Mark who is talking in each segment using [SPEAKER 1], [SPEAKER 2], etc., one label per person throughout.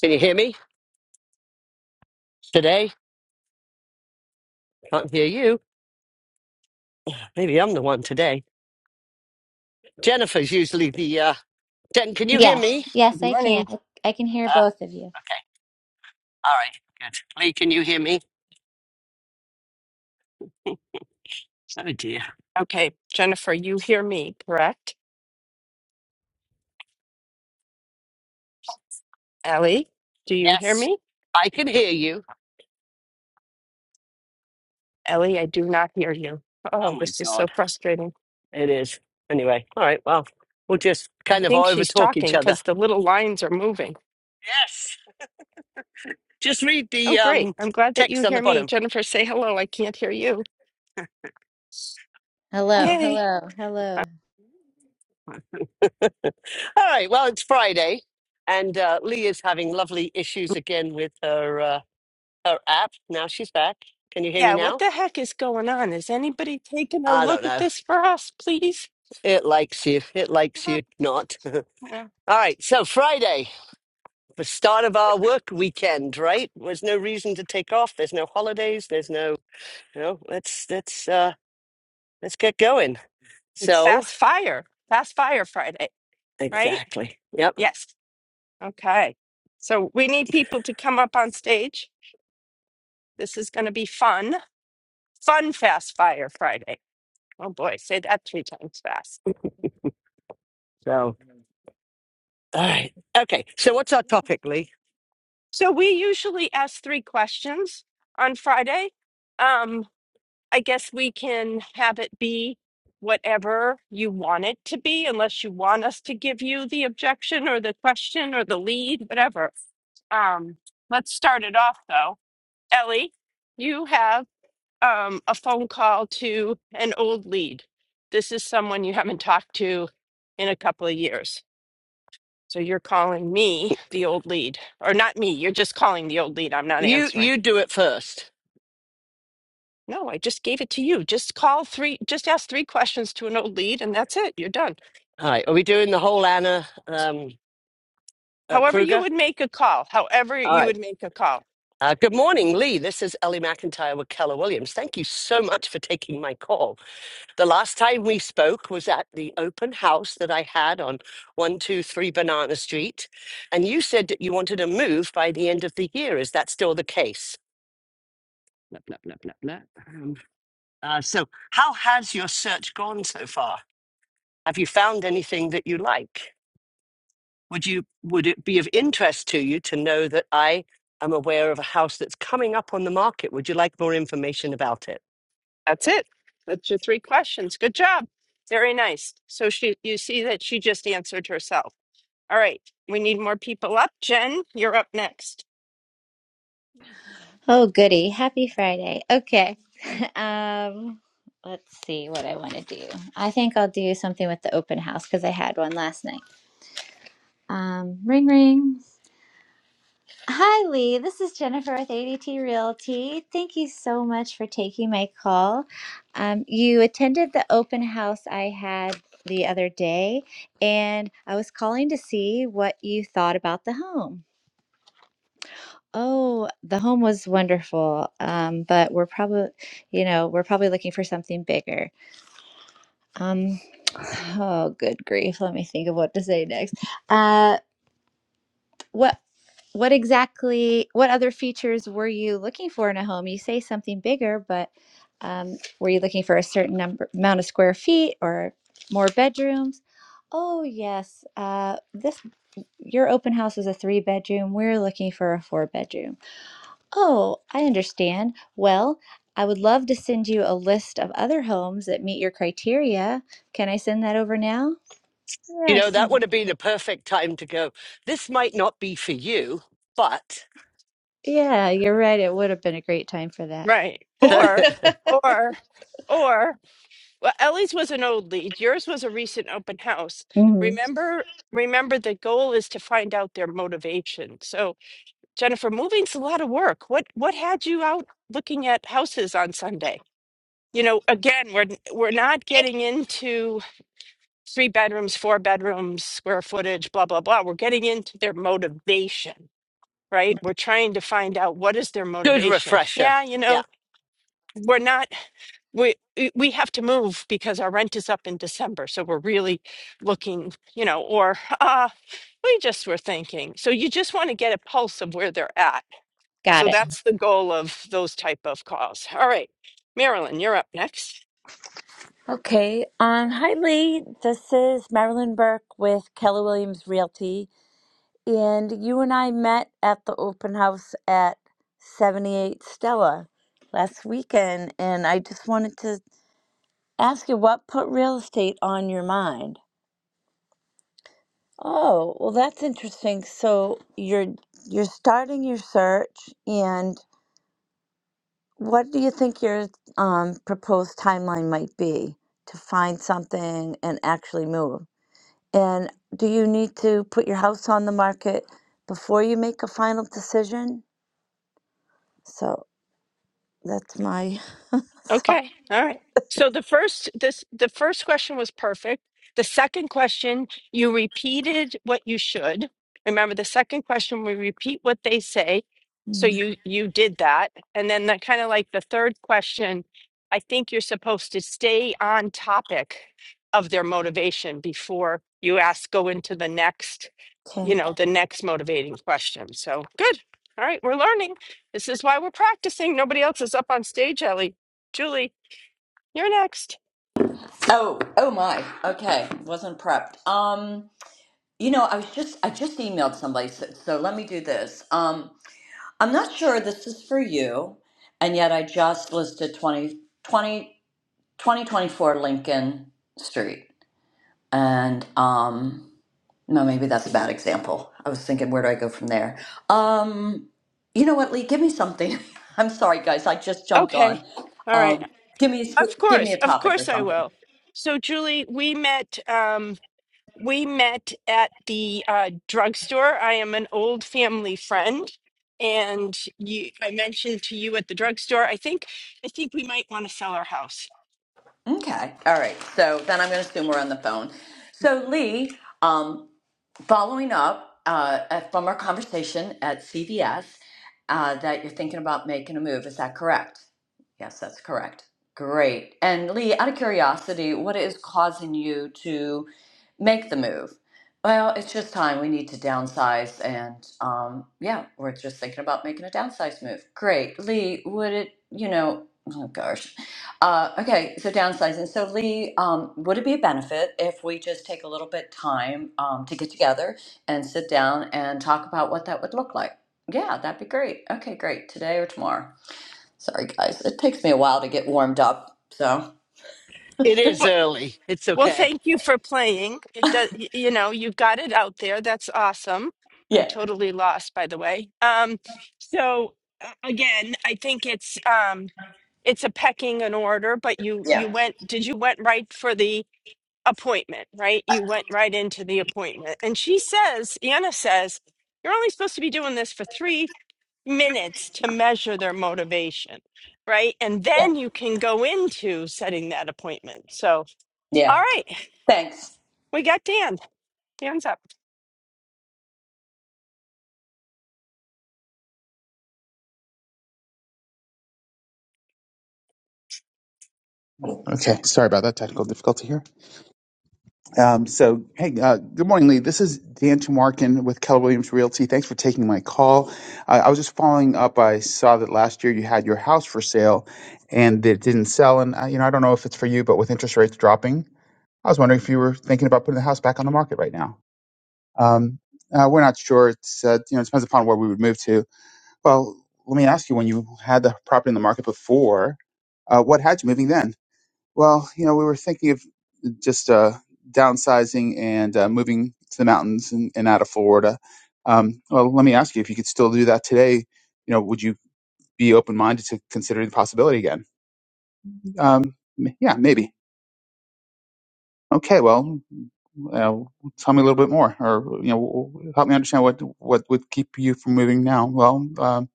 [SPEAKER 1] Can you hear me today? Can't hear you. Maybe I'm the one today. Jennifer's usually the. Uh... Jen, can you hear
[SPEAKER 2] Yes,
[SPEAKER 1] me?
[SPEAKER 3] Good
[SPEAKER 2] yes, I can.
[SPEAKER 3] morning.
[SPEAKER 2] I can hear
[SPEAKER 1] Uh,
[SPEAKER 2] both of you.
[SPEAKER 1] okay. All right. Good. Lee, can you hear me? Oh dear.
[SPEAKER 3] Okay, Jennifer, you hear me, correct? Ellie, do you hear
[SPEAKER 1] Yes,
[SPEAKER 3] me?
[SPEAKER 1] I can hear you.
[SPEAKER 3] Ellie, I do not hear you.
[SPEAKER 1] Oh
[SPEAKER 3] Oh,
[SPEAKER 1] my
[SPEAKER 3] this is so
[SPEAKER 1] God.
[SPEAKER 3] frustrating.
[SPEAKER 1] It is. Anyway. All right. Well, we'll just
[SPEAKER 3] I
[SPEAKER 1] kind of
[SPEAKER 3] think
[SPEAKER 1] over
[SPEAKER 3] she's
[SPEAKER 1] talk each
[SPEAKER 3] talking
[SPEAKER 1] other.
[SPEAKER 3] because the little lines are moving.
[SPEAKER 1] Yes. Just read the
[SPEAKER 3] Oh, great.
[SPEAKER 1] um,
[SPEAKER 3] I'm glad that you
[SPEAKER 1] text on the
[SPEAKER 3] hear me.
[SPEAKER 1] bottom.
[SPEAKER 3] Jennifer, say hello. I can't hear you.
[SPEAKER 1] Ooh.
[SPEAKER 2] Hello,
[SPEAKER 3] Okay.
[SPEAKER 2] hello, hello.
[SPEAKER 1] All right. Well, it's Friday, and uh, Lee is having lovely issues again with her uh, her app. Now she's back. Can you hear me
[SPEAKER 3] Yeah, what
[SPEAKER 1] now?
[SPEAKER 3] the heck is going on? Is anybody taking a
[SPEAKER 1] I don't
[SPEAKER 3] look at
[SPEAKER 1] know.
[SPEAKER 3] this for us, please?
[SPEAKER 1] It likes you. It likes
[SPEAKER 3] Yeah.
[SPEAKER 1] you not. All
[SPEAKER 3] Yeah.
[SPEAKER 1] right. So Friday, the start of our work weekend, right? There's no reason to take off. There's no holidays. There's no, you know, let's, let's, uh, let's get going.
[SPEAKER 3] It's
[SPEAKER 1] So
[SPEAKER 3] Fast Fire, Fast Fire Friday, right?
[SPEAKER 1] exactly. Yep.
[SPEAKER 3] Yes. Okay. So we need people to come up on stage This is going to be fun. Fun Fast Fire Friday. Oh boy, say that three times fast.
[SPEAKER 1] So, all right. Okay. So what's our topic, Lee?
[SPEAKER 3] So we usually ask three questions on Friday. Um, I guess we can have it be whatever you want it to be, unless you want us to give you the objection or the question or the lead, whatever. Um, let's start it off though. Ellie, you have. um, a phone call to an old lead. This is someone you haven't talked to in a couple of years. So you're calling me the old lead, or not me, you're just calling the old lead. I'm not
[SPEAKER 1] You,
[SPEAKER 3] answering.
[SPEAKER 1] you do it first.
[SPEAKER 3] No, I just gave it to you. Just call three, just ask three questions to an old lead, and that's it. You're done.
[SPEAKER 1] All right. Are we doing the whole Anna, um, uh,
[SPEAKER 3] However, you
[SPEAKER 1] Kruger?
[SPEAKER 3] would make a call, however,
[SPEAKER 1] All
[SPEAKER 3] you
[SPEAKER 1] right.
[SPEAKER 3] would make a call.
[SPEAKER 1] Uh, good morning, Lee. This is Ellie McIntyre with Keller Williams. Thank you so much for taking my call. The last time we spoke was at the open house that I had on 123 Banana Street. And you said that you wanted to move by the end of the year. Is that still the case? Nope, nope, nope, nope, nope. Um, uh, so, how has your search gone so far? Have you found anything that you like? Would, you, would it be of interest to you to know that I am aware of a house that's coming up on the market? Would you like more information about it?
[SPEAKER 3] That's it. That's your three questions. Good job. Very nice. So she, you see that she just answered herself. All right. We need more people up. Jen, you're up next.
[SPEAKER 2] Oh, goody. Happy Friday. Okay. Um, let's see what I want to do. I think I'll do something with the open house because I had one last night. Um, ring, ring. Hi, Lee. This is Jennifer with ADT Realty. Thank you so much for taking my call. Um, you attended the open house I had the other day, and I was calling to see what you thought about the home. Oh, the home was wonderful. Um, but we're probably, you know, we're probably looking for something bigger. Um, oh, good grief. Let me think of what to say next. Uh, what what exactly, what other features were you looking for in a home? You say something bigger, but um, were you looking for a certain number amount of square feet or more bedrooms? Oh, yes. Uh, this your open house is a three bedroom. We're looking for a four bedroom. Oh, I understand. Well, I would love to send you a list of other homes that meet your criteria. Can I send that over now?
[SPEAKER 1] You
[SPEAKER 2] Yeah,
[SPEAKER 1] know, that would
[SPEAKER 2] sure.
[SPEAKER 1] have been a perfect time to go, this might not be for you, but
[SPEAKER 2] Yeah, you're right. It would have been a great time for that.
[SPEAKER 3] Right. Or, or, or, well, Ellie's was an old lead. Yours was a recent open house.
[SPEAKER 2] hmm
[SPEAKER 3] Remember, remember the goal is to find out their motivation. So, Jennifer, moving's a lot of work. What what had you out looking at houses on Sunday? You know, again, we're we're not getting into three bedrooms, four bedrooms, square footage, blah blah blah. We're getting into their motivation, right? We're trying to find out what is their
[SPEAKER 1] Good
[SPEAKER 3] motivation.
[SPEAKER 1] refresher.
[SPEAKER 3] Yeah, you
[SPEAKER 1] Yeah,
[SPEAKER 3] know, we're not we we have to move because our rent is up in December, so we're really looking, you know, or uh, we just were thinking. So you just want to get a pulse of where they're at.
[SPEAKER 2] Got
[SPEAKER 3] So
[SPEAKER 2] it.
[SPEAKER 3] that's the goal of those type of calls. All right, Marilyn, you're up next.
[SPEAKER 4] Okay. Um, hi, Lee. This is Marilyn Burke with Keller Williams Realty. And you and I met at the open house at 78 Stella last weekend. And I just wanted to ask you what put real estate on your mind? Oh, well, that's interesting. So you're you're starting your search, and what do you think your um, proposed timeline might be to find something and actually move? And do you need to put your house on the market before you make a final decision? So that's my thought.
[SPEAKER 3] Okay. All right. So the first this the first question was perfect. The second question, you repeated what you should. Remember the second question we repeat what they say. So
[SPEAKER 4] Mm.
[SPEAKER 3] you you did that. And then that kind of like the third question, I think you're supposed to stay on topic of their motivation before you ask go into the next,
[SPEAKER 4] Okay.
[SPEAKER 3] you know, the next motivating question. So good. All right, we're learning. This is why we're practicing. Nobody else is up on stage, Ellie. Julie, you're next.
[SPEAKER 5] Oh, oh my. Okay, wasn't prepped. Um, you know, I was just I just emailed somebody, so, so let me do this. Um, I'm not sure this is for you, and yet I just listed 20 20 2024 Lincoln Street, and um, no, maybe that's a bad example. I was thinking, where do I go from there? Um, you know what, Lee? Give me something. I'm sorry, guys. I just jumped
[SPEAKER 3] Okay.
[SPEAKER 5] on.
[SPEAKER 3] All right.
[SPEAKER 5] Um, give me
[SPEAKER 3] Of
[SPEAKER 5] give me
[SPEAKER 3] course.
[SPEAKER 5] a
[SPEAKER 3] Of
[SPEAKER 5] topic or
[SPEAKER 3] course I
[SPEAKER 5] something.
[SPEAKER 3] will. So Julie, we met um we met at the uh drugstore. I am an old family friend and you I mentioned to you at the drugstore, I think I think we might want to sell our house.
[SPEAKER 5] Okay. All right. So then I'm going to assume we're on the phone. So, Lee, um, following up uh, uh, from our conversation at CVS, uh, that you're thinking about making a move. Is that correct? Yes, that's correct. Great. And Lee, out of curiosity, what is causing you to make the move? Well, it's just time. We need to downsize. And um, yeah, we're just thinking about making a downsize move. Great. Lee, would it, you know, oh gosh. Uh, okay, so downsizing. So Lee, um, would it be a benefit if we just take a little bit time um, to get together and sit down and talk about what that would look like? Yeah, that'd be great. Okay, great. Today or tomorrow. Sorry, guys. It takes me a while to get warmed up. So
[SPEAKER 1] it is
[SPEAKER 3] Well,
[SPEAKER 1] early. It's
[SPEAKER 3] well,
[SPEAKER 1] okay.
[SPEAKER 3] thank you for playing. It does, y- you know, you got it out there. That's awesome. I'm
[SPEAKER 5] yeah,
[SPEAKER 3] totally lost, by the way. Um, so uh, again, I think it's um, it's a pecking in order. But you you
[SPEAKER 5] yeah,
[SPEAKER 3] went. Did you went right for the appointment, right? You went right into the appointment. And she says, Anna says, you're only supposed to be doing this for three minutes to measure their motivation, right? And
[SPEAKER 5] yeah,
[SPEAKER 3] then you can go into setting that appointment. So, all
[SPEAKER 5] yeah.
[SPEAKER 3] right,
[SPEAKER 5] Thanks.
[SPEAKER 3] we got Dan. Hands up.
[SPEAKER 6] Okay, sorry about that technical difficulty here. Um, so, hey, uh, good morning, Lee. This is Dan Tomarkin with Keller Williams Realty. Thanks for taking my call. Uh, I was just following up. I saw that last year you had your house for sale, and it didn't sell. And uh, you know, I don't know if it's for you, but with interest rates dropping, I was wondering if you were thinking about putting the house back on the market right now. Um, uh, we're not sure. It's uh, you know, it depends upon where we would move to. Well, let me ask you: When you had the property in the market before, uh, what had you moving then? Well, you know, we were thinking of just uh, downsizing and uh, moving to the mountains and, and out of Florida. Um, well, let me ask you if you could still do that today. You know, would you be open minded to considering the possibility again? Um, m- yeah, maybe. Okay, well, uh, tell me a little bit more, or you know, help me understand what what would keep you from moving now. Well, um,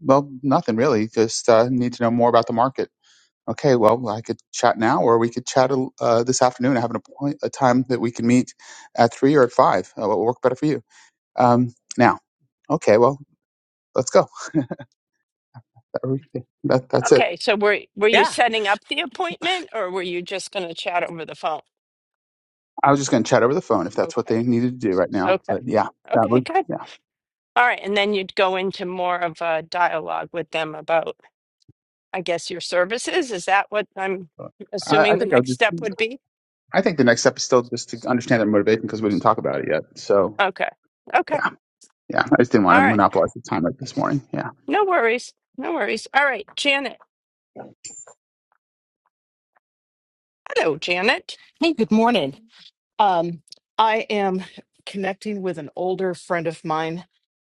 [SPEAKER 6] well, nothing really. Just uh, need to know more about the market. Okay, well, I could chat now, or we could chat uh, this afternoon. I have an appoint a time that we can meet at three or at five. Uh, what will work better for you? Um, now, okay, well, let's go. Are we- That, that's it.
[SPEAKER 3] Okay, so were were you
[SPEAKER 1] Yeah.
[SPEAKER 3] setting up the appointment or were you just going to chat over the phone?
[SPEAKER 6] I was just going to chat over the phone if that's what
[SPEAKER 3] Okay.
[SPEAKER 6] they needed to do right now.
[SPEAKER 3] Okay.
[SPEAKER 6] But yeah, that
[SPEAKER 3] Okay,
[SPEAKER 6] would
[SPEAKER 3] good.
[SPEAKER 6] yeah.
[SPEAKER 3] All right, and then you'd go into more of a dialogue with them about I guess, your services? Is that what I'm
[SPEAKER 6] I, I
[SPEAKER 3] assuming the
[SPEAKER 6] think I would
[SPEAKER 3] next step
[SPEAKER 6] just.
[SPEAKER 3] would be?
[SPEAKER 6] I think the next step is still just to understand their motivation because we didn't talk about it yet. So
[SPEAKER 3] Okay. Okay.
[SPEAKER 6] yeah, yeah. I just didn't want to
[SPEAKER 3] All right.
[SPEAKER 6] monopolize the time like this morning. Yeah.
[SPEAKER 3] No worries. No worries. All right, Janet. Hello, Janet.
[SPEAKER 7] Hey, good morning. Um, I am connecting with an older friend of mine.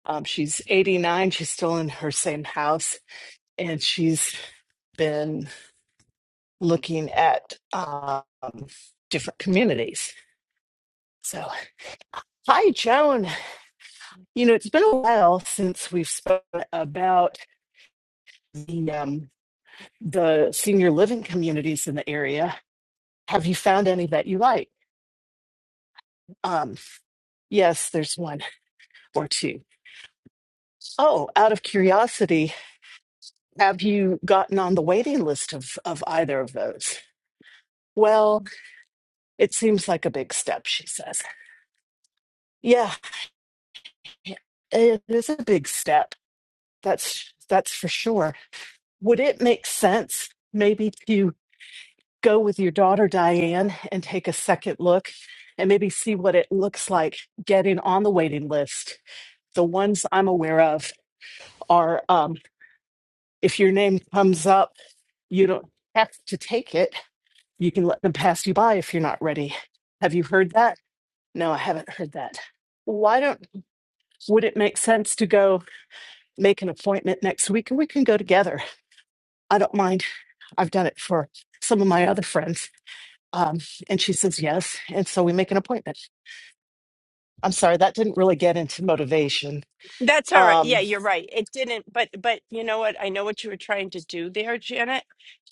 [SPEAKER 7] Um, she's 89. She's still in her same house, and she's been looking at um, different communities. So, hi, Joan. You know, it's been a while since we've spoken about the um, the senior living communities in the area. Have you found any that you like? Um, yes, there's one or two. Oh, out of curiosity, Have you gotten on the waiting list of, of either of those? Well, it seems like a big step, she says. Yeah, it is a big step. That's that's for sure. Would it make sense maybe to go with your daughter Diane and take a second look and maybe see what it looks like getting on the waiting list? The ones I'm aware of are um, if your name comes up, you don't have to take it You can let them pass you by if you're not ready. Have you heard that? No, I haven't heard that. Why don't, would it make sense to go make an appointment next week and we can go together? I don't mind. I've done it for some of my other friends. Um, and she says yes. And so we make an appointment. I'm sorry, that didn't really get into motivation.
[SPEAKER 3] That's all right.
[SPEAKER 7] Um,
[SPEAKER 3] Yeah, you're right. It didn't, but but you know what? I know what you were trying to do there, Janet.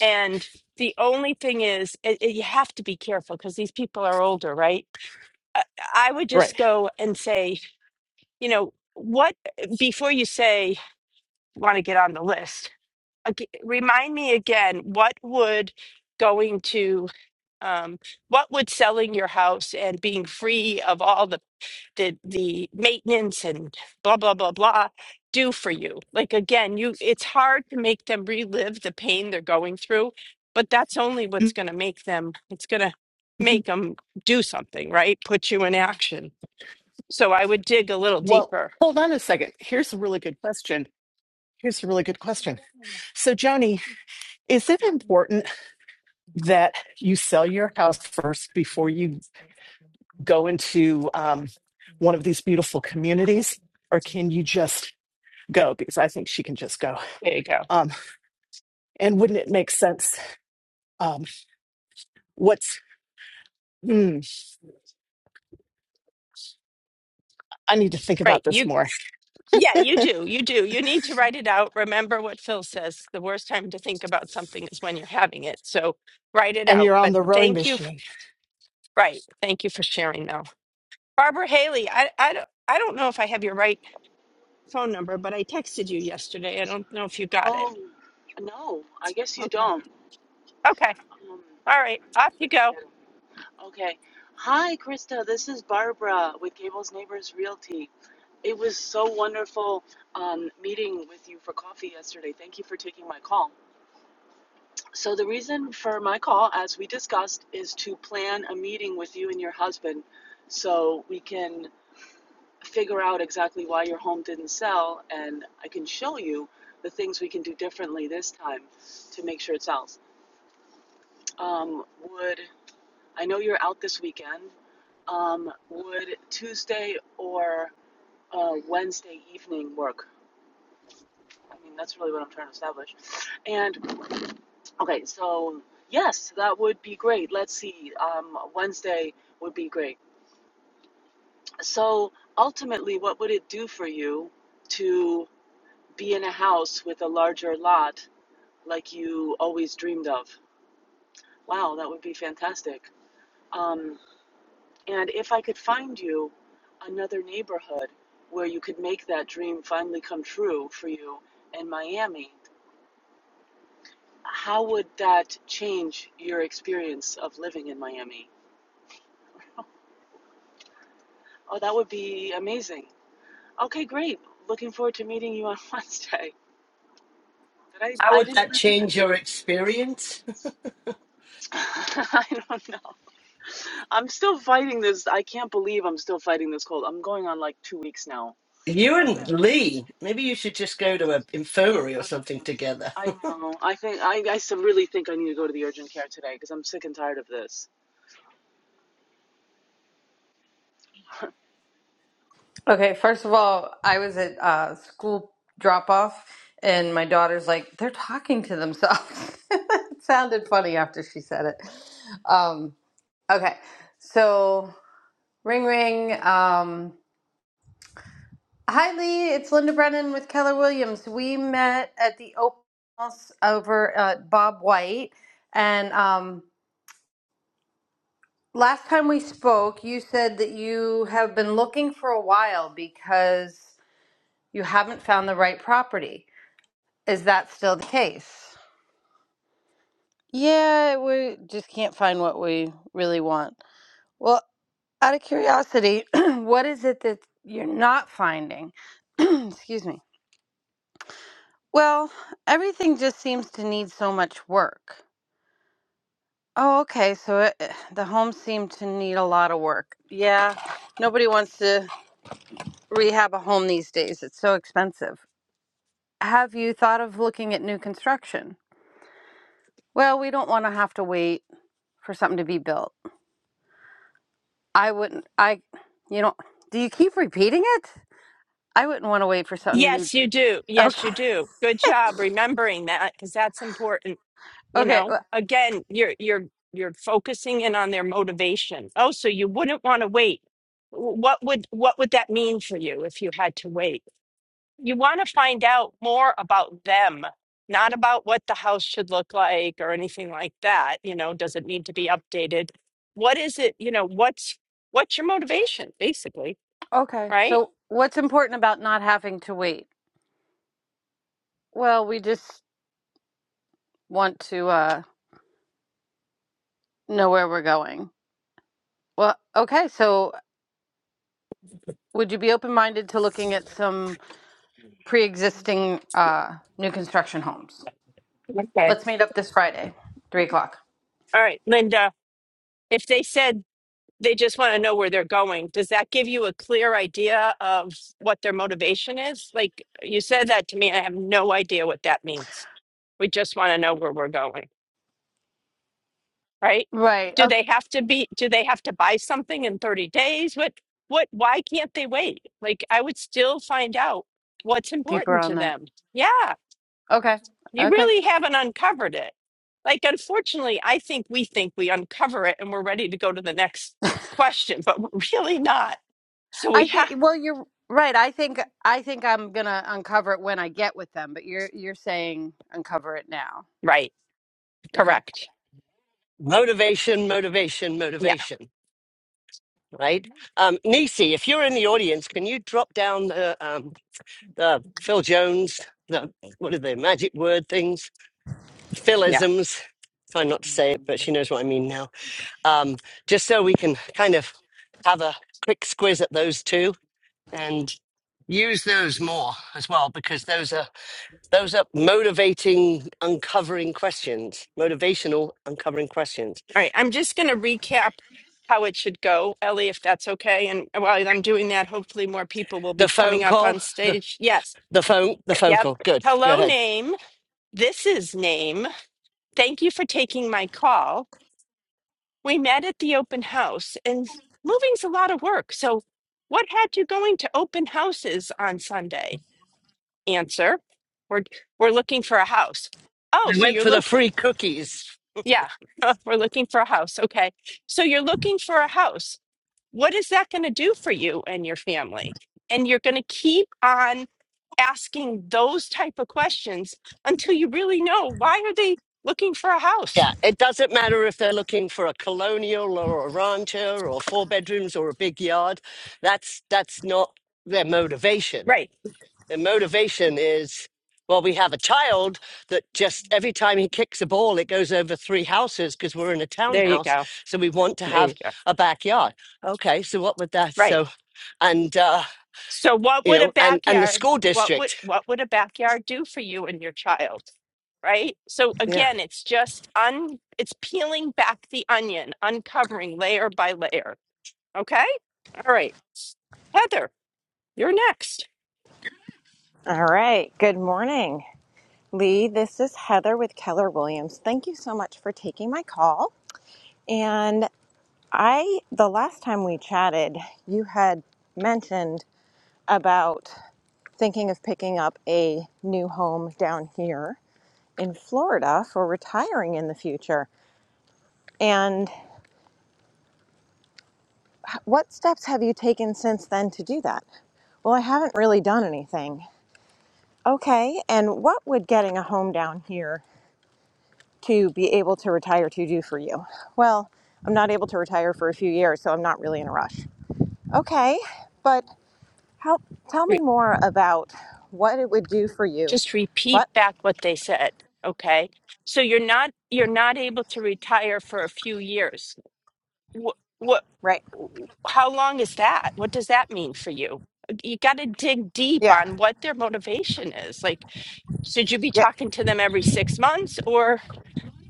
[SPEAKER 3] And the only thing is, it, it- you have to be careful because these people are older, right? I, I would
[SPEAKER 7] right.
[SPEAKER 3] just go and say, you know, what before you say want to get on the list ag- remind me again what would going to um, what would selling your house and being free of all the, the the maintenance and blah blah blah blah do for you like again you it's hard to make them relive the pain they're going through but that's only what's going to make them it's going to make them do something right put you in action so i would dig a little
[SPEAKER 7] Well,
[SPEAKER 3] deeper
[SPEAKER 7] hold on a second. Here's a really good question. Here's a really good question. So, Johnny, is it important that you sell your house first before you go into um, one of these beautiful communities, or can you just go? Because I think she can just go.
[SPEAKER 3] there you go
[SPEAKER 7] Um, and wouldn't it make sense? Um, what's hmm, I need to think about
[SPEAKER 3] right
[SPEAKER 7] this
[SPEAKER 3] you.
[SPEAKER 7] more.
[SPEAKER 3] Yeah, you do. You do. You need to write it out. Remember what Phil says. The worst time to think about something is when you're having it. So write it
[SPEAKER 7] And
[SPEAKER 3] out.
[SPEAKER 7] you're on
[SPEAKER 3] But
[SPEAKER 7] the rowing
[SPEAKER 3] thank you. f-
[SPEAKER 7] machine.
[SPEAKER 3] Right. Thank you for sharing, Mel. Barbara Haley, I, I, don't- I don't know if I have your right phone number, but I texted you yesterday. I don't know if you got it.
[SPEAKER 8] Oh, no, I guess you
[SPEAKER 3] Okay.
[SPEAKER 8] don't.
[SPEAKER 3] Okay.
[SPEAKER 8] Um,
[SPEAKER 3] All right. Off you
[SPEAKER 8] wouldn't
[SPEAKER 3] go.
[SPEAKER 8] get it. Okay. Hi, Krista. This is Barbara with Gables Neighbors Realty. It was so wonderful um, meeting with you for coffee yesterday. Thank you for taking my call. So, the reason for my call, as we discussed, is to plan a meeting with you and your husband so we can figure out exactly why your home didn't sell and I can show you the things we can do differently this time to make sure it sells. Um, would I know you're out this weekend? Um, would Tuesday or uh, Wednesday evening work? I mean, that's really what I'm trying to establish. And okay, so yes, that would be great. Let's see. Um, Wednesday would be great. So ultimately, what would it do for you to be in a house with a larger lot like you always dreamed of? Wow, that would be fantastic. Um, And if I could find you another neighborhood where you could make that dream finally come true for you in Miami, how would that change your experience of living in Miami? Oh, that would be amazing. Okay, great. Looking forward to meeting you on Wednesday. Did I,
[SPEAKER 1] How
[SPEAKER 8] I
[SPEAKER 1] would
[SPEAKER 8] didn't
[SPEAKER 1] that
[SPEAKER 8] listen.
[SPEAKER 1] change your experience?
[SPEAKER 8] I don't know. I'm still fighting this. I can't believe I'm still fighting this cold. I'm going on like two weeks now
[SPEAKER 1] You
[SPEAKER 8] of
[SPEAKER 1] and Lee, maybe you should just go to an infirmary or
[SPEAKER 8] this.
[SPEAKER 1] something together.
[SPEAKER 8] I know. I think I. I really think I need to go to the urgent care today because I'm sick and tired of this.
[SPEAKER 9] Okay, first of all, I was at uh, school drop off, and my daughter's like, they're talking to themselves. it sounded funny after she said it. Um, okay, so ring ring. Um, Hi Lee, it's Linda Brennan with Keller Williams. We met at the open house over at Bob White, and um, last time we spoke, you said that you have been looking for a while because you haven't found the right property. Is that still the case? Yeah, we just can't find what we really want. Well, out of curiosity, what is it that you're not finding? Excuse me. Well, everything just seems to need so much work. Oh, okay. So it, eh, the homes seem to need a lot of work. Yeah, nobody wants to rehab a home these days. It's so expensive. Have you thought of looking at new construction? Well, we don't want to have to wait for something to be built. I wouldn't. I, you know, do you keep repeating it? I wouldn't want to wait for something to
[SPEAKER 3] Yes, you do.
[SPEAKER 9] be okay.
[SPEAKER 3] Yes, you do. Good job remembering that because that's important. you
[SPEAKER 9] Okay.
[SPEAKER 3] know
[SPEAKER 9] wh-
[SPEAKER 3] again you're you're you're focusing in on their motivation oh so you wouldn't want to wait W- what would what would that mean for you if you had to wait you want to find out more about them not about what the house should look like or anything like that you know does it need to be updated what is it you know what's what's your motivation basically
[SPEAKER 9] Okay.
[SPEAKER 3] right
[SPEAKER 9] So, what's important about not having to wait? Well, we just want to uh, know where we're going. Well, okay. So, would you be open-minded to looking at some pre-existing uh, new construction homes?
[SPEAKER 3] okay
[SPEAKER 9] Let's meet up this Friday, three o'clock.
[SPEAKER 3] all right linda if they said they just want to know where they're going. Does that give you a clear idea of what their motivation is? Like you said that to me, I have no idea what that means. We just want to know where we're going, right?
[SPEAKER 9] Right.
[SPEAKER 3] Do
[SPEAKER 9] Okay.
[SPEAKER 3] they have to be, do they have to buy something in 30 days? What, what, why can't they wait? Like I would still find out what's
[SPEAKER 9] Deeper
[SPEAKER 3] important
[SPEAKER 9] on
[SPEAKER 3] to
[SPEAKER 9] that.
[SPEAKER 3] them. Yeah.
[SPEAKER 9] Okay.
[SPEAKER 3] You
[SPEAKER 9] Okay.
[SPEAKER 3] really haven't uncovered it. Like, unfortunately, I think we think we uncover it and we're ready to go to the next question, but we're really not. So we
[SPEAKER 9] I think
[SPEAKER 3] have,
[SPEAKER 9] well you're right. I think I think I'm going to uncover it when I get with them, but you're you're saying uncover it now.
[SPEAKER 3] right,
[SPEAKER 9] Okay.
[SPEAKER 3] correct.
[SPEAKER 1] Motivation, motivation,
[SPEAKER 3] Yeah,
[SPEAKER 1] motivation. Right. Um, Nisi, if you're in the audience, can you drop down the, um, the Phil Jones, the, what are the magic word things?
[SPEAKER 3] yeah.
[SPEAKER 1] Philisms. Try not to say it, but she knows what I mean now. um, just so we can kind of have a quick squiz at those two and use those more as well because those are those are motivating uncovering questions motivational uncovering questions
[SPEAKER 3] All right, I'm just going to recap how it should go, Ellie, if that's okay. And while I'm doing that, hopefully more people will
[SPEAKER 1] the
[SPEAKER 3] be
[SPEAKER 1] phone
[SPEAKER 3] coming up
[SPEAKER 1] call
[SPEAKER 3] on
[SPEAKER 1] the
[SPEAKER 3] stage. Yes,
[SPEAKER 1] the phone the phone
[SPEAKER 3] yep.
[SPEAKER 1] call good go
[SPEAKER 3] Hello,
[SPEAKER 1] ahead
[SPEAKER 3] name. This is name. Thank you for taking my call. We met at the open house, and moving's a lot of work. So, what had you going to open houses on Sunday? Answer: We're we're looking for a house. Oh,
[SPEAKER 1] i
[SPEAKER 3] so
[SPEAKER 1] went
[SPEAKER 3] you're
[SPEAKER 1] for the
[SPEAKER 3] look,
[SPEAKER 1] free cookies
[SPEAKER 3] yeah, we're looking for a house. Okay, so you're looking for a house. What is that going to do for you and your family? And you're going to keep on asking those type of questions until you really know why are they looking for a house?
[SPEAKER 1] yeah it doesn't matter if they're looking for a colonial or a rancher or four bedrooms or a big yard that's that's not their motivation
[SPEAKER 3] Right.
[SPEAKER 1] The motivation is, well, we have a child that just every time he kicks a ball, it goes over three houses because we're in a
[SPEAKER 3] There you
[SPEAKER 1] townhouse.
[SPEAKER 3] go.
[SPEAKER 1] So we want to
[SPEAKER 3] There
[SPEAKER 1] have
[SPEAKER 3] you go.
[SPEAKER 1] a backyard. Okay, so what would that?
[SPEAKER 3] Right.
[SPEAKER 1] So and uh,
[SPEAKER 3] So what
[SPEAKER 1] you
[SPEAKER 3] would a
[SPEAKER 1] know, and and the
[SPEAKER 3] backyard
[SPEAKER 1] school
[SPEAKER 3] what would
[SPEAKER 1] district.
[SPEAKER 3] what would a backyard do for you and your child? Right? So
[SPEAKER 1] Yeah,
[SPEAKER 3] again, it's just un it's peeling back the onion, uncovering layer by layer. Okay? All right. Heather, you're next.
[SPEAKER 10] All right. Good morning, Lee. This is Heather with Keller Williams. Thank you so much for taking my call. And I, the last time we chatted, you had mentioned about thinking of picking up a new home down here in Florida for retiring in the future. And what steps have you taken since then to do that? Well, I haven't really done anything. Okay, and what would getting a home down here to be able to retire to do for you? Well, I'm not able to retire for a few years, so I'm not really in a rush. Okay, but how tell me more about what it would do for you.
[SPEAKER 3] Just repeat
[SPEAKER 10] What?
[SPEAKER 3] back what they said. Okay? So you're not you're not able to retire for a few years. What what
[SPEAKER 10] Right.
[SPEAKER 3] how long is that? What does that mean for you? You got to dig deep
[SPEAKER 10] Yeah.
[SPEAKER 3] on what their motivation is. Like should you be
[SPEAKER 10] Yeah.
[SPEAKER 3] talking to them every six months or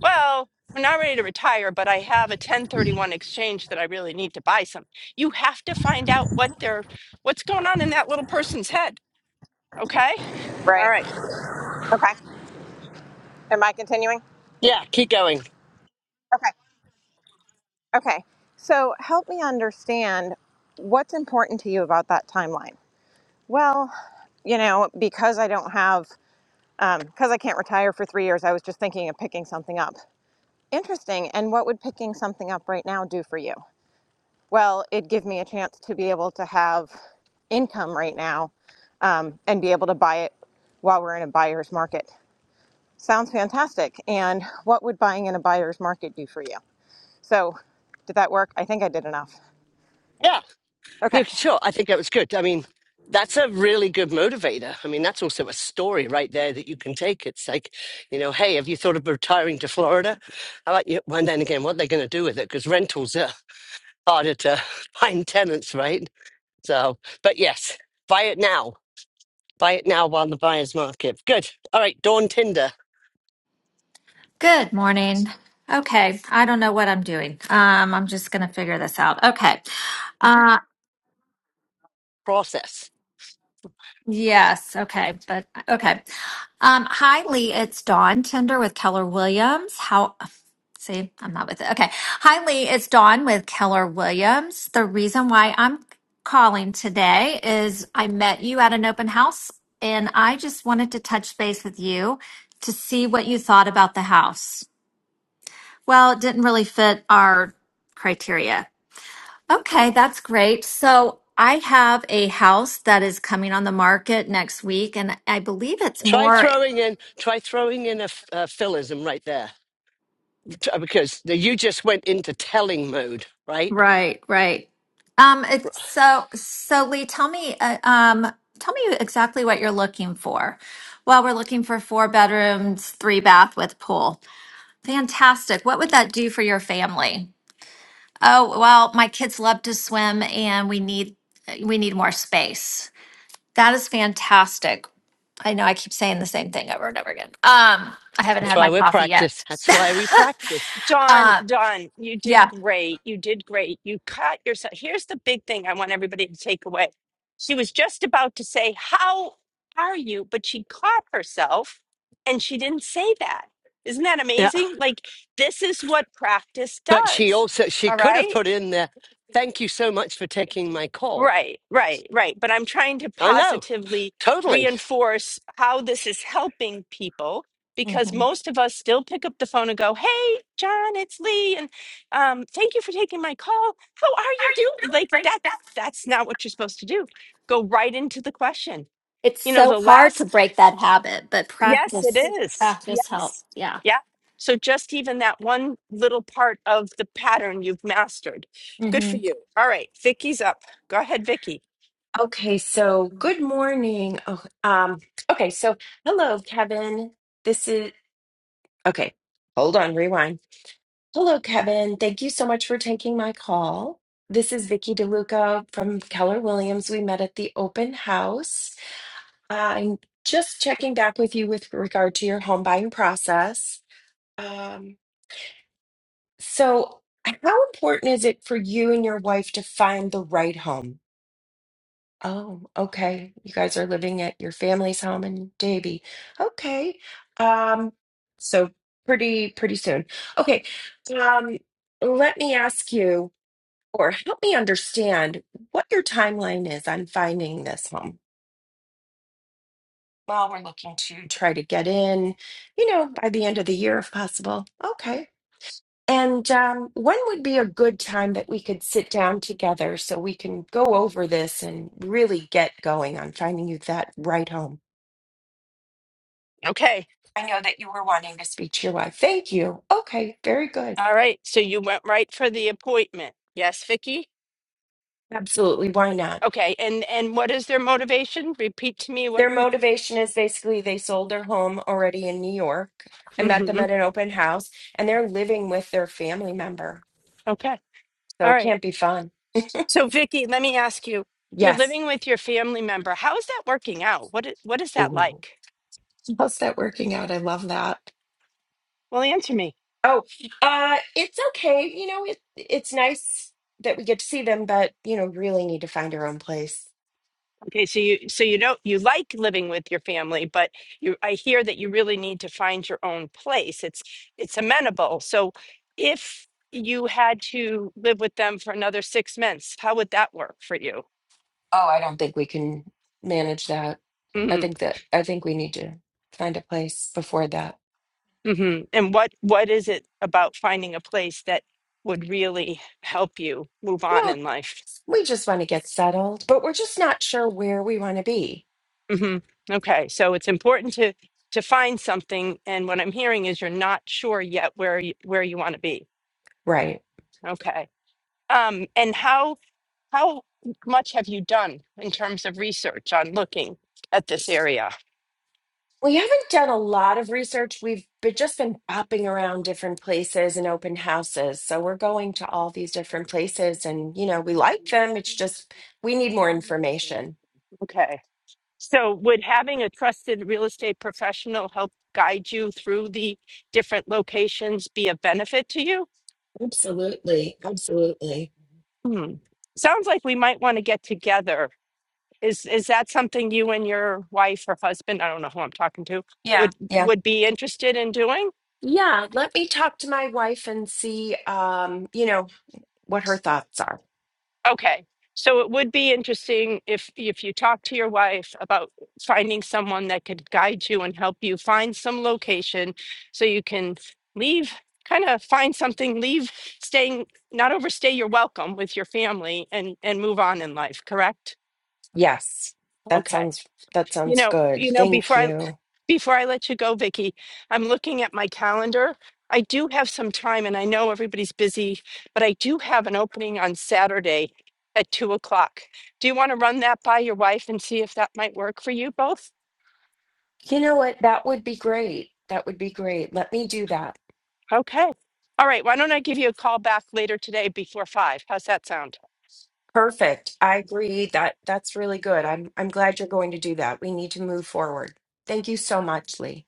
[SPEAKER 3] well i'm not ready to retire but i have a 1031 exchange that i really need to buy some you have to find out what they're what's going on in that little person's head okay all
[SPEAKER 10] Right.
[SPEAKER 3] right
[SPEAKER 10] Okay. Am I continuing?
[SPEAKER 1] yeah. Keep going.
[SPEAKER 10] Okay. Okay. So help me understand what's important to you about that timeline. Well, you know, because I don't have, um, because I can't retire for three years, I was just thinking of picking something up. Interesting. And what would picking something up right now do for you? Well, it'd give me a chance to be able to have income right now um, and be able to buy it while we're in a buyer's market. Sounds fantastic. And what would buying in a buyer's market do for you? So, did that work? I think I did enough.
[SPEAKER 1] Yeah, yeah.
[SPEAKER 10] Okay.
[SPEAKER 1] Sure. I think that was good. I mean, that's a really good motivator. I mean, that's also a story right there that you can take. It's like, you know, hey, have you thought of retiring to Florida? I like you. And then again, what are they going to do with it? Because rentals are harder to find tenants, right? So, but yes, buy it now. Buy it now while the buyer's market. Good. All right, Dawn Tinder
[SPEAKER 11] Good morning. Okay, I don't know what I'm doing. Um, I'm just gonna figure this out. Okay. Uh,
[SPEAKER 1] process.
[SPEAKER 11] yes. Okay, but okay. Um, hi, Lee. It's Dawn Tender with Keller Williams. How? See, I'm not with it. Okay. Hi, Lee. It's Dawn with Keller Williams. The reason why I'm calling today is I met you at an open house, and I just wanted to touch base with you to see what you thought about the house. Well, it didn't really fit our criteria. Okay, that's great. So I have a house that is coming on the market next week, and I believe it's
[SPEAKER 1] Try
[SPEAKER 11] more.
[SPEAKER 1] throwing in, try throwing in a, f- a philism right there T- because the, you just went into telling mode, right?
[SPEAKER 11] Right, right. Um, it's so so. Lee, tell me, uh, um, tell me exactly what you're looking for. Well, we're looking for four bedrooms, three bath with pool. Fantastic. What would that do for your family? Oh, well, my kids love to swim, and we need we need more space. That is fantastic. I know I keep saying the same thing over and over again. Um, I haven't
[SPEAKER 1] That's
[SPEAKER 11] had
[SPEAKER 1] why
[SPEAKER 11] my
[SPEAKER 1] we
[SPEAKER 11] coffee yet.
[SPEAKER 1] practice. That's why we practice.
[SPEAKER 3] Don,
[SPEAKER 11] uh,
[SPEAKER 3] Don, you did
[SPEAKER 11] yeah.
[SPEAKER 3] great. You did great. You caught yourself. Here's the big thing I want everybody to take away. She was just about to say, How are you? But she caught herself and she didn't say that. Isn't that
[SPEAKER 1] Yeah,
[SPEAKER 3] amazing? Like, this is what practice
[SPEAKER 1] but she
[SPEAKER 3] does.
[SPEAKER 1] also she
[SPEAKER 3] All
[SPEAKER 1] could have
[SPEAKER 3] right.
[SPEAKER 1] put in there. Thank you so much for taking my call.
[SPEAKER 3] Right, right, right. But I'm trying to
[SPEAKER 1] I know,
[SPEAKER 3] positively
[SPEAKER 1] totally.
[SPEAKER 3] reinforce how this is helping people because
[SPEAKER 11] Mhm.
[SPEAKER 3] most of us still pick up the phone and go, "Hey, John, it's Lee, and um, thank you for taking my call. How are you doing?" Like that. That's not what you're supposed to do. Go right into the question.
[SPEAKER 11] It's
[SPEAKER 3] You know,
[SPEAKER 11] so
[SPEAKER 3] the
[SPEAKER 11] hard to
[SPEAKER 3] last.
[SPEAKER 11] break that habit, but
[SPEAKER 3] Yes, it
[SPEAKER 11] practice
[SPEAKER 3] is.
[SPEAKER 11] practice help.
[SPEAKER 3] Yes.
[SPEAKER 11] Yeah.
[SPEAKER 3] Yeah. So just even that one little part of the pattern you've mastered. Good
[SPEAKER 11] Mm-hmm.
[SPEAKER 3] for you. All right, Vicky's up. Go ahead, Vicky.
[SPEAKER 12] Okay, so good morning. Oh, um, okay, so hello, Kevin. This is okay. Hold on, rewind. Hello, Kevin. Thank you so much for taking my call. This is Vicky DeLuca from Keller Williams. We met at the open house. I'm just checking back with you with regard to your home buying process. Um, so, how important is it for you and your wife to find the right home? Oh, okay. You guys are living at your family's home in Davie. Okay. Um, so pretty pretty soon. Okay. Um, let me ask you or help me understand what your timeline is on finding this home. Well, we're looking to try to get in, you know, by the end of the year if possible. Okay. And um, when would be a good time that we could sit down together so we can go over this and really get going on finding you that right home?
[SPEAKER 3] Okay.
[SPEAKER 12] I know that you were wanting to speak to your wife. Thank you. Okay, very good.
[SPEAKER 3] All right, so you went right for the appointment. Yes, Vicky?
[SPEAKER 12] Absolutely. Why not?
[SPEAKER 3] Okay, and and what is their motivation? Repeat to me what
[SPEAKER 12] Their
[SPEAKER 3] you
[SPEAKER 12] motivation is basically they sold their home already in New York. I met them
[SPEAKER 3] hmm
[SPEAKER 12] at an open house and they're living with their family member.
[SPEAKER 3] Okay.
[SPEAKER 12] So
[SPEAKER 3] All
[SPEAKER 12] it
[SPEAKER 3] right.
[SPEAKER 12] can't be fun.
[SPEAKER 3] So Vicky, let me ask you. You're
[SPEAKER 12] Yes.
[SPEAKER 3] living with your family member. How is that working out? What i- what is that
[SPEAKER 12] Ooh.
[SPEAKER 3] like?
[SPEAKER 12] How's that working out? I love that.
[SPEAKER 3] Well, answer me.
[SPEAKER 12] Oh, uh, it's okay. You know, it, it's nice that we get to see them, but, you know, really need to find our own place.
[SPEAKER 3] Okay, so you so you don't you like living with your family, but you I hear that you really need to find your own place. It's it's amenable. So if you had to live with them for another six months, how would that work for you?
[SPEAKER 12] Oh, I don't think we can manage that. I
[SPEAKER 3] hmm
[SPEAKER 12] think that I think we need to find a place before that.
[SPEAKER 3] hmm And what what is it about finding a place that would really help you move on
[SPEAKER 12] Well,
[SPEAKER 3] in life?
[SPEAKER 12] we just want to get settled, but we're just not sure where we want to be.
[SPEAKER 3] hmm Okay, so it's important to to find something, and what I'm hearing is you're not sure yet where you, where you want to be.
[SPEAKER 12] Right.
[SPEAKER 3] Okay, um, and how how much have you done in terms of research on looking at this area?
[SPEAKER 12] We haven't done a lot of research. We've been, just been bopping around different places and open houses. So we're going to all these different places and, you know, we like them. It's just we need more information.
[SPEAKER 3] Okay, so would having a trusted real estate professional help guide you through the different locations be a benefit to you?
[SPEAKER 12] Absolutely, absolutely.
[SPEAKER 3] Hmm. Sounds like we might want to get together. Is is that something you and your wife or husband, I don't know who I'm talking to,
[SPEAKER 12] Yeah.
[SPEAKER 3] would
[SPEAKER 12] Yeah.
[SPEAKER 3] would be interested in doing?
[SPEAKER 12] Yeah. Let me talk to my wife and see, um, you know, what her thoughts are.
[SPEAKER 3] Okay. So it would be interesting if if you talk to your wife about finding someone that could guide you and help you find some location so you can leave, kind of find something, leave staying, not overstay your welcome with your family and and move on in life, correct?
[SPEAKER 12] Yes, that
[SPEAKER 3] Okay.
[SPEAKER 12] sounds that
[SPEAKER 3] You
[SPEAKER 12] sounds
[SPEAKER 3] know,
[SPEAKER 12] good.
[SPEAKER 3] you know,
[SPEAKER 12] Thank
[SPEAKER 3] before I
[SPEAKER 12] you.
[SPEAKER 3] before I let you go, Vicky, I'm looking at my calendar. I do have some time and I know everybody's busy, but I do have an opening on Saturday at two o'clock. Do you want to run that by your wife and see if that might work for you both?
[SPEAKER 12] You know what? That would be great. That would be great. Let me do that.
[SPEAKER 3] Okay. All right, why don't I give you a call back later today before five? How's that sound?
[SPEAKER 12] Perfect. I agree that that's really good. I'm I'm glad you're going to do that. We need to move forward. Thank you so much, Lee.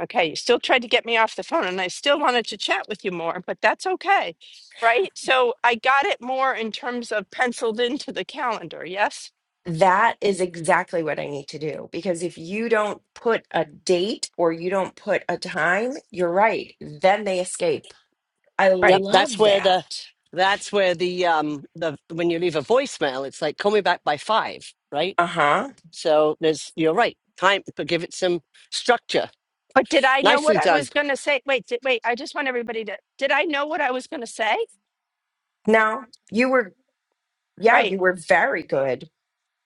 [SPEAKER 3] Okay, you still tried to get me off the phone and I still wanted to chat with you more, but that's okay. Right? So I got it more in terms of penciled into the calendar, yes?
[SPEAKER 12] That is exactly what I need to do because if you don't put a date or you don't put a time, you're right. Then they escape. I
[SPEAKER 1] Yep,
[SPEAKER 3] Right.
[SPEAKER 1] that's
[SPEAKER 12] love
[SPEAKER 1] where the
[SPEAKER 12] that.
[SPEAKER 1] that's where the um the when you leave a voicemail, it's like call me back by five, right?
[SPEAKER 12] Uh huh.
[SPEAKER 1] So there's you're right. Time to give it some structure.
[SPEAKER 3] But did I know
[SPEAKER 1] Nicely
[SPEAKER 3] what I
[SPEAKER 1] done.
[SPEAKER 3] was going to say? Wait, did, wait, I just want everybody to, did I know what I was going to say?
[SPEAKER 12] Now, you were, yeah,
[SPEAKER 3] Right.
[SPEAKER 12] you were very good.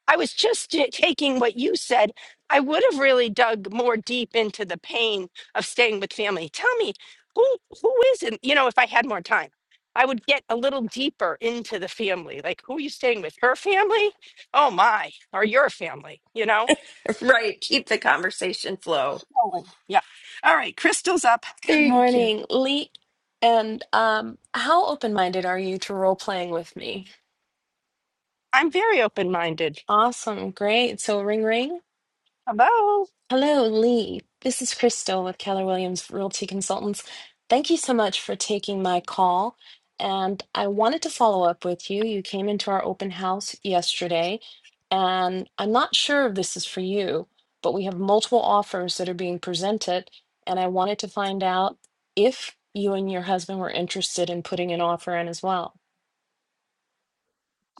[SPEAKER 3] I was just j- taking what you said. I would have really dug more deep into the pain of staying with family. Tell me, who who is it? You know, if I had more time, I would get a little deeper into the family. Like, who are you staying with? Her family? Oh my, or your family? You know?
[SPEAKER 12] Right. Keep the conversation flow.
[SPEAKER 3] Oh, yeah. All right, Crystal's up.
[SPEAKER 13] Good
[SPEAKER 12] Thank you.
[SPEAKER 13] morning, Lee. And um, how open-minded are you to role playing with me?
[SPEAKER 3] I'm very open minded.
[SPEAKER 13] Awesome, great. So ring ring.
[SPEAKER 3] Hello.
[SPEAKER 13] Hello, Lee. This is Crystal with Keller Williams Realty Consultants. Thank you so much for taking my call. And I wanted to follow up with you. You came into our open house yesterday, and I'm not sure if this is for you, but we have multiple offers that are being presented. And I wanted to find out if you and your husband were interested in putting an offer in as well.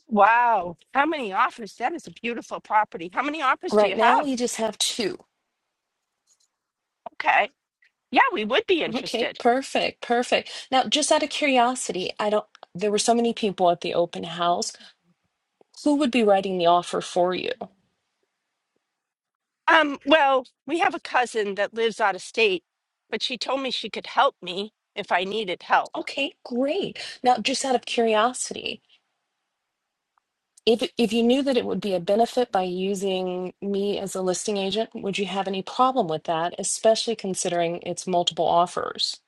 [SPEAKER 3] Wow. How many offers? That is a beautiful property. How many offers do you
[SPEAKER 13] Right now,
[SPEAKER 3] have?
[SPEAKER 13] we just have two.
[SPEAKER 3] Okay. Yeah, we would be
[SPEAKER 13] Okay,
[SPEAKER 3] interested.
[SPEAKER 13] perfect, perfect. Now, just out of curiosity, I don't, there were so many people at the open house. Who would be writing the offer for you?
[SPEAKER 3] Um, well, we have a cousin that lives out of state, but she told me she could help me if I needed help.
[SPEAKER 13] Okay, great. Now, just out of curiosity, if if you knew that it would be a benefit by using me as a listing agent, would you have any problem with that, especially considering it's multiple offers?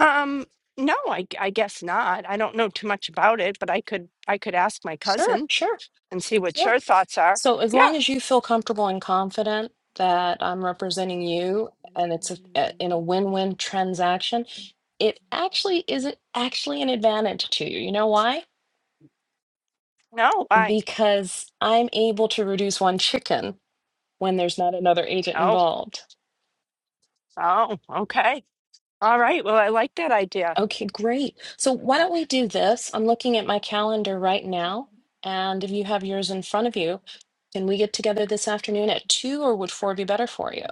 [SPEAKER 3] Um, no, I, I guess not. I don't know too much about it, but I could I could ask my
[SPEAKER 13] Sure,
[SPEAKER 3] cousin
[SPEAKER 13] sure,
[SPEAKER 3] and see what
[SPEAKER 13] sure.
[SPEAKER 3] your thoughts are.
[SPEAKER 13] So as
[SPEAKER 3] Yeah.
[SPEAKER 13] long as you feel comfortable and confident that I'm representing you and it's a, a- in a win-win transaction, it actually is it actually an advantage to you. You know why?
[SPEAKER 3] No, I
[SPEAKER 13] Because I'm able to reduce one chicken when there's not another agent
[SPEAKER 3] oh,
[SPEAKER 13] involved.
[SPEAKER 3] oh, okay. All right. Well, I like that idea.
[SPEAKER 13] Okay, great. So why
[SPEAKER 3] Uh,
[SPEAKER 13] don't we do this? I'm looking at my calendar right now, and if you have yours in front of you, can we get together this afternoon at two, or would four be better for you?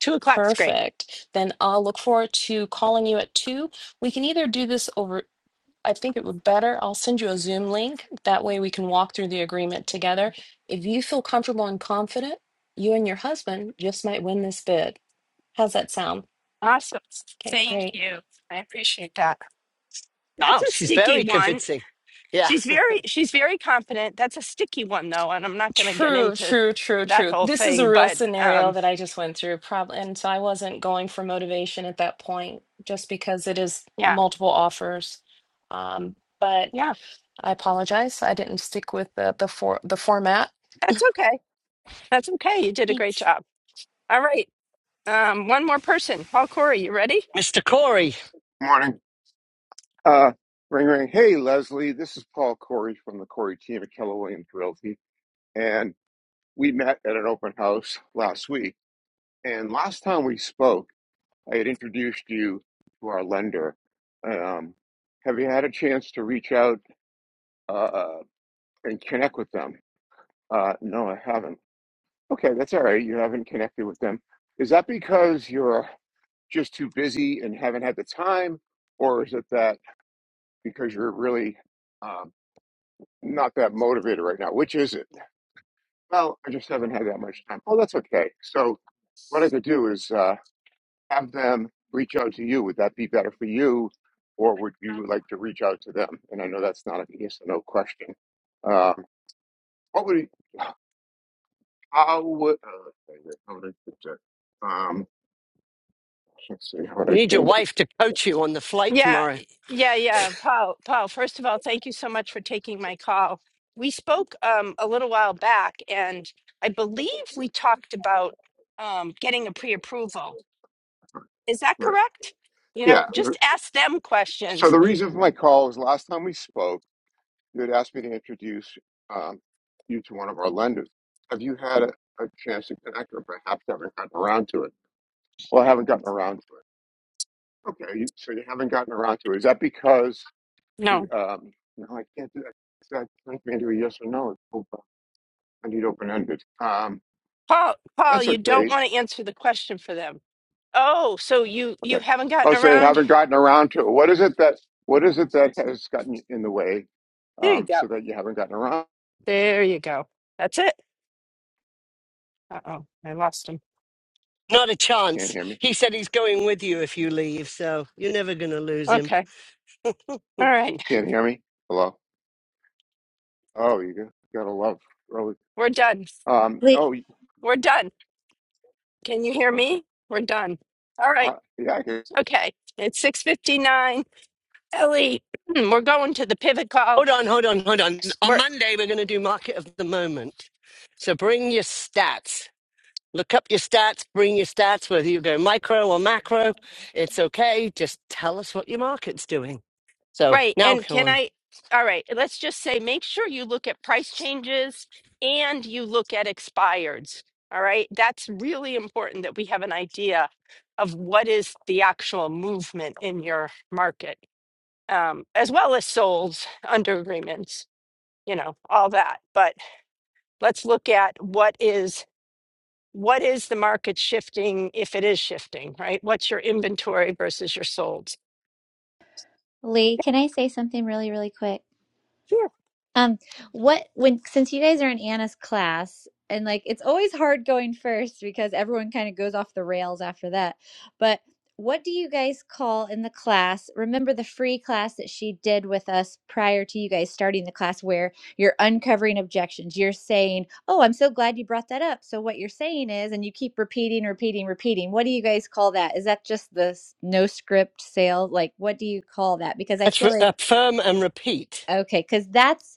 [SPEAKER 3] two o'clock's great.
[SPEAKER 13] Perfect. Then I'll look forward to calling you at two. We can either do this over I think it would better. I'll send you a Zoom link. That way we can walk through the agreement together. If you feel comfortable and confident, you and your husband just might win this bid. How's that sound?
[SPEAKER 3] Awesome.
[SPEAKER 13] Okay,
[SPEAKER 3] Thank
[SPEAKER 13] great.
[SPEAKER 3] you. I appreciate that. That's
[SPEAKER 1] Oh,
[SPEAKER 3] a
[SPEAKER 1] she's
[SPEAKER 3] sticky
[SPEAKER 1] very
[SPEAKER 3] one.
[SPEAKER 1] convincing. Yeah,
[SPEAKER 3] She's very she's very confident. That's a sticky one though, and I'm not going to get
[SPEAKER 13] True,
[SPEAKER 3] into
[SPEAKER 13] true, true,
[SPEAKER 3] that
[SPEAKER 13] true.
[SPEAKER 3] whole
[SPEAKER 13] This is a
[SPEAKER 3] thing,
[SPEAKER 13] real
[SPEAKER 3] but
[SPEAKER 13] scenario
[SPEAKER 3] um
[SPEAKER 13] that I just went through. Probably, and so I wasn't going for motivation at that point, just because it is
[SPEAKER 3] yeah.
[SPEAKER 13] multiple offers. Um, but
[SPEAKER 3] Yeah.
[SPEAKER 13] I apologize. I didn't stick with the the for the format.
[SPEAKER 3] That's okay. That's okay. You did a great
[SPEAKER 13] Thanks.
[SPEAKER 3] job. All right. Um one more person. Paul Corey, you ready?
[SPEAKER 1] Mr. Corey.
[SPEAKER 14] Morning. Uh, ring, ring. Hey, Leslie. This is Paul Corey from the Corey team at Keller Williams Realty. And we met at an open house last week. And last time we spoke, I had introduced you to our lender. Um, have you had a chance to reach out uh, and connect with them? Uh, no, I haven't. Okay, that's all right. You haven't connected with them. Is that because you're just too busy and haven't had the time? Or is it that because you're really um, not that motivated right now. Which is it? Well, I just haven't had that much time. Oh, that's okay. So, what I could do is uh, have them reach out to you. Would that be better for you, or would you like to reach out to them? And I know that's not a yes or no question. Um, what would you- how would uh, wait a minute, how would I put that? Um, let's see how would
[SPEAKER 1] You
[SPEAKER 14] I
[SPEAKER 1] need your
[SPEAKER 14] change it?
[SPEAKER 1] wife to coach you on the flight
[SPEAKER 3] Yeah.
[SPEAKER 1] tomorrow.
[SPEAKER 3] Yeah, yeah. Paul, Paul, first of all, thank you so much for taking my call. We spoke um a little while back and I believe we talked about um, getting a pre-approval Is that
[SPEAKER 14] Right.
[SPEAKER 3] correct? You know,
[SPEAKER 14] Yeah. the-
[SPEAKER 3] just ask them
[SPEAKER 14] So
[SPEAKER 3] questions.
[SPEAKER 14] the reason for my call was last time we spoke. you had asked me to introduce um, you to one of our lenders. Have you had a, a chance to connect, or perhaps haven't gotten around to it? Well, I haven't gotten around to it. Okay, you, so you haven't gotten around to it. Is that because you?
[SPEAKER 3] No.
[SPEAKER 14] Um, no, I can't do that. That turns me into a yes or no. Oh, I need open ended. Um,
[SPEAKER 3] Paul, Paul,
[SPEAKER 14] that's
[SPEAKER 3] you don't
[SPEAKER 14] okay.
[SPEAKER 3] want to answer the question for them. Oh, so you you
[SPEAKER 14] Okay.
[SPEAKER 3] haven't
[SPEAKER 14] Oh,
[SPEAKER 3] gotten
[SPEAKER 14] so you
[SPEAKER 3] around.
[SPEAKER 14] haven't gotten around to it. What is it that? What is it that has gotten in the way?
[SPEAKER 3] There you
[SPEAKER 14] Um,
[SPEAKER 3] go.
[SPEAKER 14] so that you haven't gotten around.
[SPEAKER 3] There you go. That's it. Uh-oh, I lost him.
[SPEAKER 1] Not a
[SPEAKER 14] Can't
[SPEAKER 1] chance.
[SPEAKER 14] hear me.
[SPEAKER 1] He said he's going with you if you leave, so you're never going to lose him.
[SPEAKER 3] Okay. All right.
[SPEAKER 14] Can't hear me. Hello. Oh, you got- gotta love. early
[SPEAKER 3] We're done.
[SPEAKER 14] Um,
[SPEAKER 2] Lee,
[SPEAKER 14] oh,
[SPEAKER 3] We're done. Can you hear
[SPEAKER 14] okay.
[SPEAKER 3] me? We're done. All right.
[SPEAKER 14] I, yeah, I can-
[SPEAKER 3] Okay. It's 6:59. Ellie, we're going to the pivot call.
[SPEAKER 1] Hold on, hold on, hold on. On Monday, we're going to do market of the moment. So bring your stats. Look up your stats, bring your stats, whether you go micro or macro. It's okay. Just tell us what your market's doing. So
[SPEAKER 3] Right.
[SPEAKER 1] now
[SPEAKER 3] And
[SPEAKER 1] go
[SPEAKER 3] can
[SPEAKER 1] on.
[SPEAKER 3] I, all right, let's just say make sure you look at price changes and you look at expireds. All right. That's really important that we have an idea of what is the actual movement in your market, um, as well as solds, under agreements, you know, all that. But let's look at what is. What is the market shifting if it is shifting, right? What's your inventory versus your solds?
[SPEAKER 2] Lee, can I say something really, really quick? Um, what when since you guys are in Anna's class and like it's always hard going first because everyone kind of goes off the rails after that. But what do you guys call in the class? Remember the free class that she did with us prior to you guys starting the class where you're uncovering objections. You're saying, "Oh, I'm so glad you brought that up." So what you're saying is and you keep repeating, repeating, repeating. What do you guys call that? Is that just the s- no script sale? Like what do you call that? Because I
[SPEAKER 1] Let's
[SPEAKER 2] feel
[SPEAKER 1] re-
[SPEAKER 2] like
[SPEAKER 1] affirm and repeat.
[SPEAKER 2] okay, cuz that's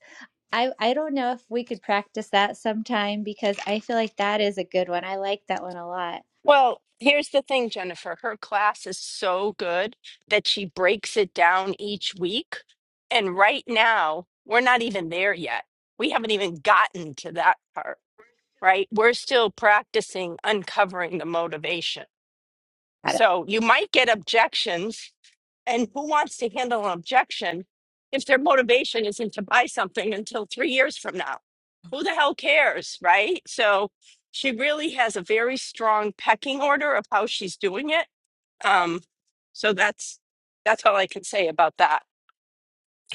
[SPEAKER 2] I I don't know if we could practice that sometime because I feel like that is a good one. I like that one a lot.
[SPEAKER 3] Well, here's the thing, Jennifer. Her class is so good that she breaks it down each week. And right now, we're not even there yet. We haven't even gotten to that part, right? We're still practicing uncovering the motivation. So you might get objections, and who wants to handle an objection if their motivation isn't to buy something until three years from now? Who the hell cares, right? So she really has a very strong pecking order of how she's doing it. Um, so that's that's all I can say about that.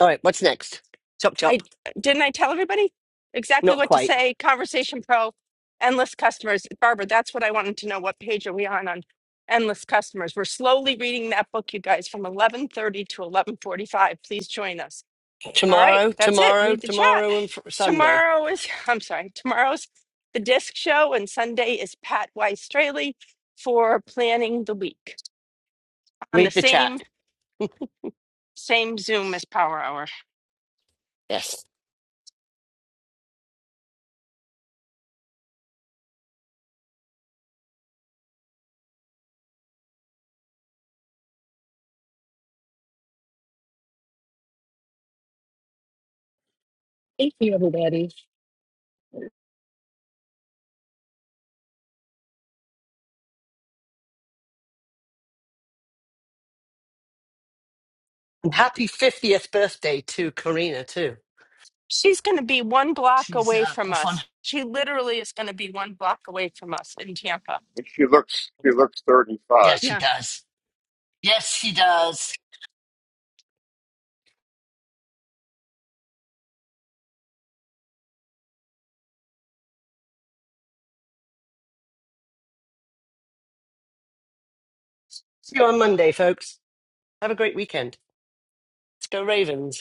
[SPEAKER 1] All right, what's next? Chop,
[SPEAKER 3] I
[SPEAKER 1] chop.
[SPEAKER 3] didn't I tell everybody exactly
[SPEAKER 1] Not
[SPEAKER 3] what to
[SPEAKER 1] quite.
[SPEAKER 3] say. Conversation Pro, endless customers. Barbara, that's what I wanted to know. What page are we on on endless customers? We're slowly reading that book, you guys, from eleven thirty to eleven forty-five. Please join us. All right,
[SPEAKER 1] Tomorrow,
[SPEAKER 3] that's it.
[SPEAKER 1] tomorrow,
[SPEAKER 3] Read the chat.
[SPEAKER 1] tomorrow, and fr- Sunday.
[SPEAKER 3] Tomorrow is I'm sorry. Tomorrow's the disc show, and Sunday is Pat Weiss Straley for planning the week on the
[SPEAKER 1] Read the chat.
[SPEAKER 3] same same Zoom as Power Hour.
[SPEAKER 1] Yes. And happy 50th birthday to Karina, too.
[SPEAKER 3] She's going to be one block
[SPEAKER 1] She's
[SPEAKER 3] away
[SPEAKER 1] uh,
[SPEAKER 3] from
[SPEAKER 1] off on.
[SPEAKER 3] us. She literally is going to be one block away from us in Tampa.
[SPEAKER 14] she looks she looks
[SPEAKER 1] Yeah,
[SPEAKER 14] 35.
[SPEAKER 1] she
[SPEAKER 3] Yeah.
[SPEAKER 1] does. Yes, she does. See you on Monday, folks. Have a great weekend. Let's go, Ravens.